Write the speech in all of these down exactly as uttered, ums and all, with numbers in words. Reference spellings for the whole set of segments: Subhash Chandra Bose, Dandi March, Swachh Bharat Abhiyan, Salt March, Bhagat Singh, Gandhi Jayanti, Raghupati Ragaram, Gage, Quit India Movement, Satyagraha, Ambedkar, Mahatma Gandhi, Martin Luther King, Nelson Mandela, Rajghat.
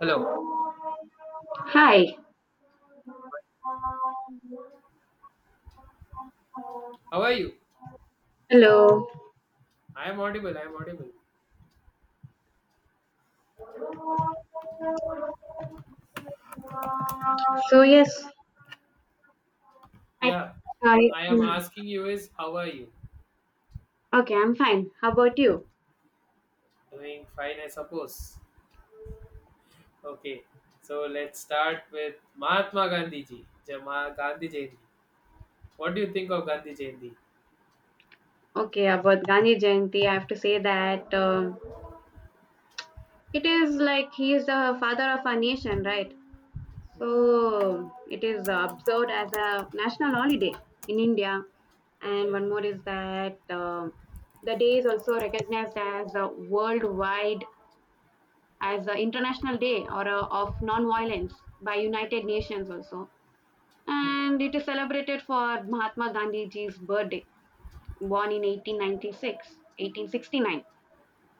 Hello, Hi. how are you? Hello. I am audible, I am audible. So yes, I Yeah, I I am asking you is how are you? okay. I'm fine. How about you? Doing fine, I suppose. Okay, so let's start with Mahatma Gandhi ji, Jama Gandhi Jayanti. What do you think of Gandhi Jayanti? Okay, about Gandhi Jayanti, I have to say that um, it is like he is the father of our nation, right? Hmm. So it is observed as a national holiday in India. And Okay. one more is that um, the day is also recognized as a worldwide as an international day or a, of non-violence by United Nations also, Hmm. and it is celebrated for Mahatma Gandhiji's birthday, born in eighteen ninety-six, eighteen sixty-nine,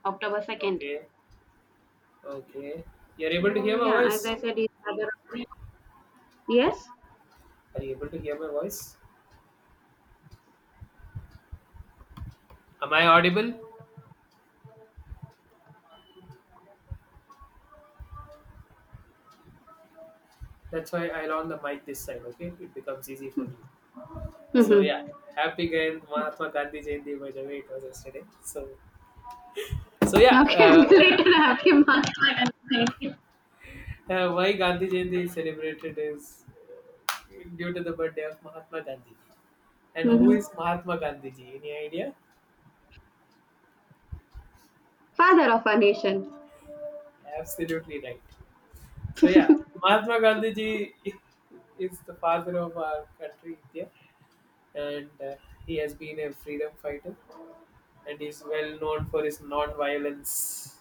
October second. Okay, okay. You're able to So, hear my yeah, as I voice? said, it's rather yes. Are you able to hear my voice? Am I audible? That's why I'll on the mic this side, okay? It becomes easy for you. So yeah, Mm-hmm. happy Gan- Mahatma Gandhi Jayanti, by the way it was yesterday. So So yeah, Okay, uh, belated happy Mahatma Gandhi. uh, why Gandhi Jayanti is celebrated is uh, due to the birthday of Mahatma Gandhi. And who Hmm is Mahatma Gandhi ji? Any idea? Father of our nation. Absolutely right. So yeah, Mahatma Gandhi ji is the father of our country India, and uh, he has been a freedom fighter, and is well known for his non-violence,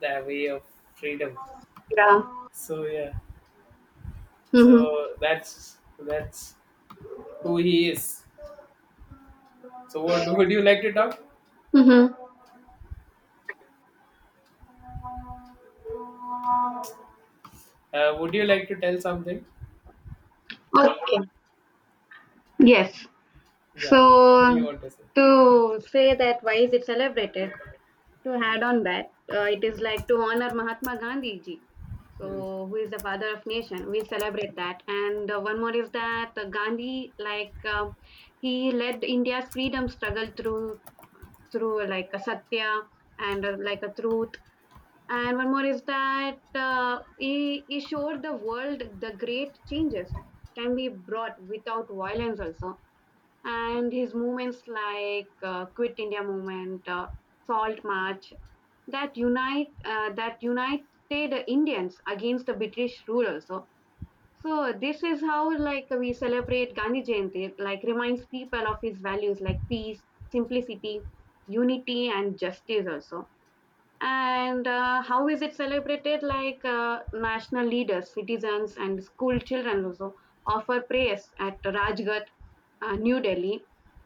the way of freedom. Yeah. So yeah, Mm-hmm. so that's that's who he is. So what would you like to talk? Mm-hmm. Uh, would you like to tell something? Okay. Yes. Yeah. What do you So, want to say? to say that why is it celebrated? To Hmm. add on that, uh, it is like to honor Mahatma Gandhi ji, Hmm. so who is the father of nation. We celebrate that, and uh, one more is that uh, Gandhi, like um he led India's freedom struggle through through like a satya and uh, like a truth. And one more is that uh, he, he showed the world the great changes can be brought without violence also, Mm. and his movements like uh, Quit India Movement, uh, Salt March, that unite uh, that united Indians against the British rule also. So this is how like we celebrate Gandhi Jayanti. Like reminds people of his values like peace, simplicity, unity, and justice also. And uh, how is it celebrated, like uh, national leaders, citizens, and school children also offer prayers at Rajghat, uh, New Delhi.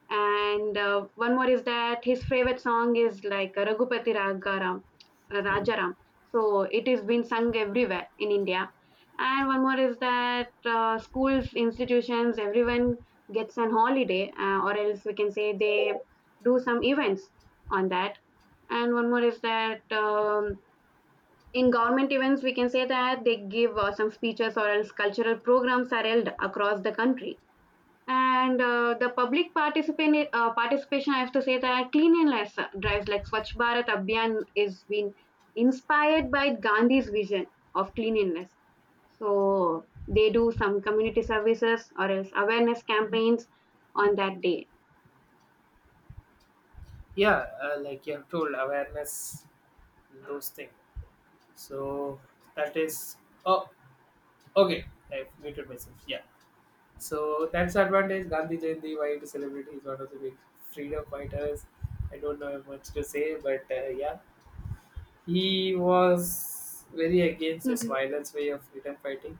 And uh, one more is that his favorite song is like Raghupati Ragaram, uh, Hmm. Rajaram. So it is been sung everywhere in India. And one more is that uh, schools, institutions, everyone gets an holiday, uh, or else we can say they do some events on that. And one more is that um, in government events, we can say that they give uh, some speeches, or else cultural programs are held across the country. And uh, the public participation, uh, participation, I have to say that cleanliness drives like Swachh Bharat Abhiyan is been inspired by Gandhi's vision of cleanliness. So they do some community services or else awareness campaigns on that day. Yeah, uh, like you have told, awareness, those things. So that is. Oh, okay. I muted myself. Yeah. So that's the advantage. Gandhi Jayanti, why to celebrate? He's one of the big freedom fighters. I don't know much to say, but uh, yeah, he was very against this Mhm. violence way of freedom fighting.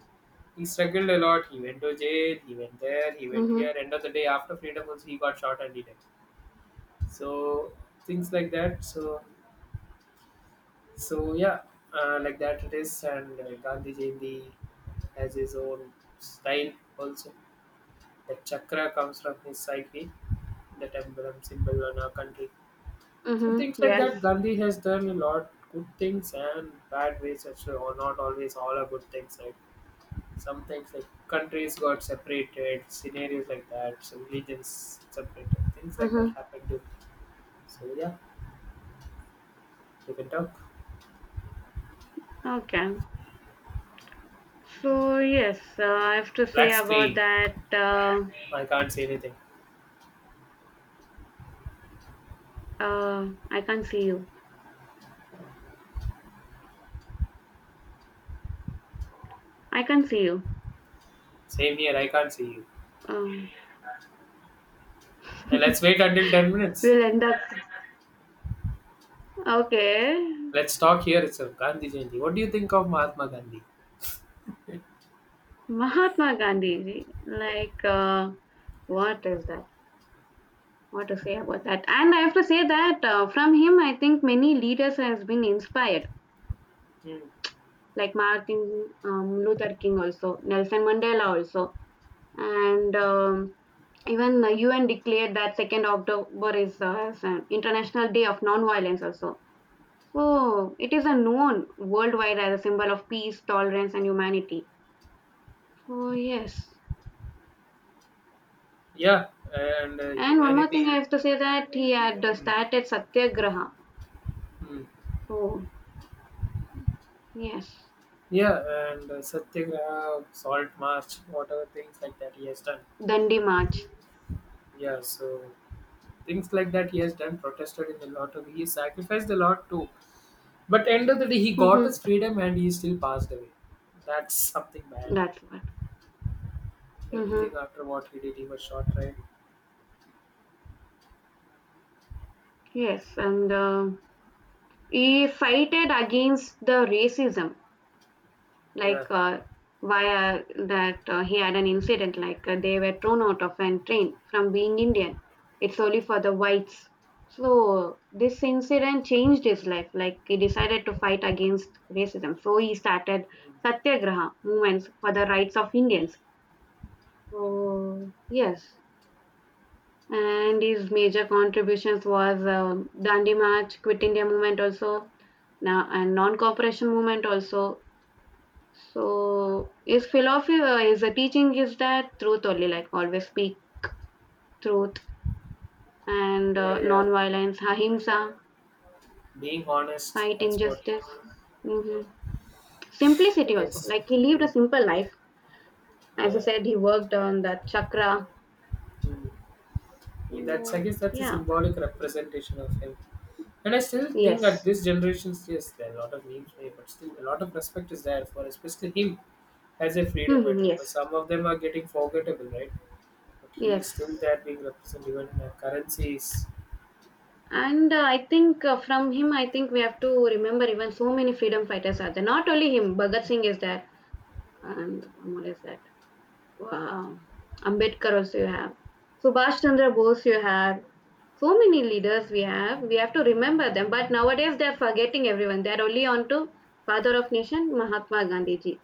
He struggled a lot. He went to jail. He went there. He went Mhm. here. End of the day, after freedom was he got shot and he died. So things like that. So so yeah, uh, like that it is. And uh, Gandhi Jayanti has his own style also. The chakra comes from his psyche, that emblem symbol on our country. So Mhm. things like Yes. that, Gandhi has done a lot good things and bad ways actually, or not always all are good things. Like some things like countries got separated, scenarios like that, so religions separated, things like that Mhm. happened too. So yeah, you can talk. Okay. So yes, uh, I have to say Black about screen. that. Uh, I can't see anything. uh, I can't see you. I can't see you. Same here. I can't see you. Um, And let's wait until ten minutes. we'll end up. Okay, Let's talk here itself. Gandhi Jayanti. What do you think of Mahatma Gandhi? Mahatma Gandhi, Ji. Like, uh, what is that? What to say about that? And I have to say that uh, from him, I think many leaders has been inspired, Hmm. like Martin um, Luther King also, Nelson Mandela also, and um, even the U N declared that second October is uh, as an International Day of Non-Violence also. So it is a known worldwide as a symbol of peace, tolerance, and humanity. So yes, Yeah, and uh, and one more thing I humanity. have to say that he had Hmm. started Satyagraha. Hmm. So, yes, Yeah, and uh, Satyagraha, Salt March, whatever things like that he has done. Dandi March. Yeah, so things like that he has done, protested in a lot of, he sacrificed a lot too. But end of the day, he got Hmm his freedom and he still passed away. That's something bad. That's what. Hmm Everything after what he did, he was shot, right? Yes, and uh, he fighted against the racism. like Yeah. uh, via that uh, he had an incident like uh, they were thrown out of a train from being Indian. It's only for the whites. So this incident changed his life. Like he decided to fight against racism. So he started Mm. satyagraha movements for the rights of Indians. Mm. So yes, and his major contributions was um Dandi March, Quit India Movement also, now and non-cooperation movement also. So his philosophy, uh, his uh, teaching is that truth only, like always speak truth, and Yeah, uh, yeah. non-violence, ahimsa, Being honest, fight that's what injustice, hmm I simplicity also. guess. Like he lived a Mm. simple life. As I Yeah. said, he worked on that chakra. Mm. That's, I Mm, guess, that's a yeah. symbolic representation of him. And I still think at Yes. this generation, yes, there are a lot of memes made, but still a lot of respect is there for especially him as a freedom hmm veteran. But Yes. some of them are getting forgettable, right? But he is still Yes. there being represented even in our currencies. And uh, I think uh, from him, I think we have to remember even so many freedom fighters are there. Not only him, Bhagat Singh is there, and one more is there. Wow. Ambedkar also you have. Subhash Chandra Bose you have. So many leaders we have. We have to remember them. But nowadays they are forgetting everyone. They are only on to father of nation Mahatma Gandhi ji.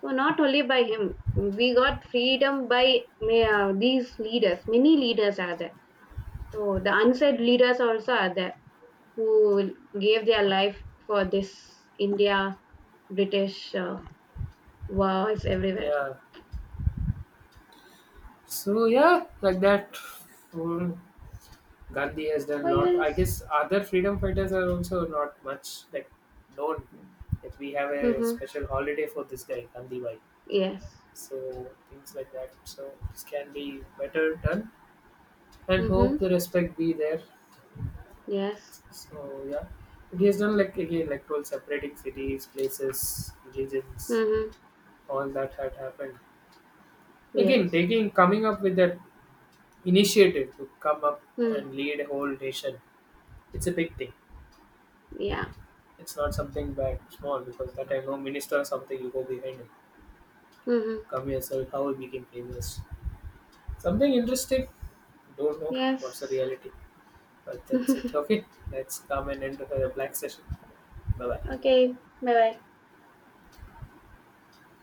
So not only by him, we got freedom by uh, these leaders. Many leaders are there. So the unsaid leaders also are there who gave their life for this India British uh, wars everywhere. Yeah. So yeah, like that. Mm. Gandhi has done So a lot. I yes. guess other freedom fighters are also not much like known. That we have a Mm-hmm. special holiday for this guy, Gandhi Bhai. Yes. So things like that, so this can be better done, and hope Mm-hmm. the respect be there. Yes. So yeah, and he has done like again like twelve separating cities, places, religions, Mm-hmm. all that had happened. Again Yes. taking, coming up with that initiative to come up Mm. and lead a whole nation, it's a big thing. Yeah. It's not something bad small, because that I know minister or something you go behind him, Mm-hmm. come yourself how he became famous, something interesting, don't know what's the Yes. reality. But that's it. Okay, let's come and end the black session. Bye bye. Okay. Bye bye.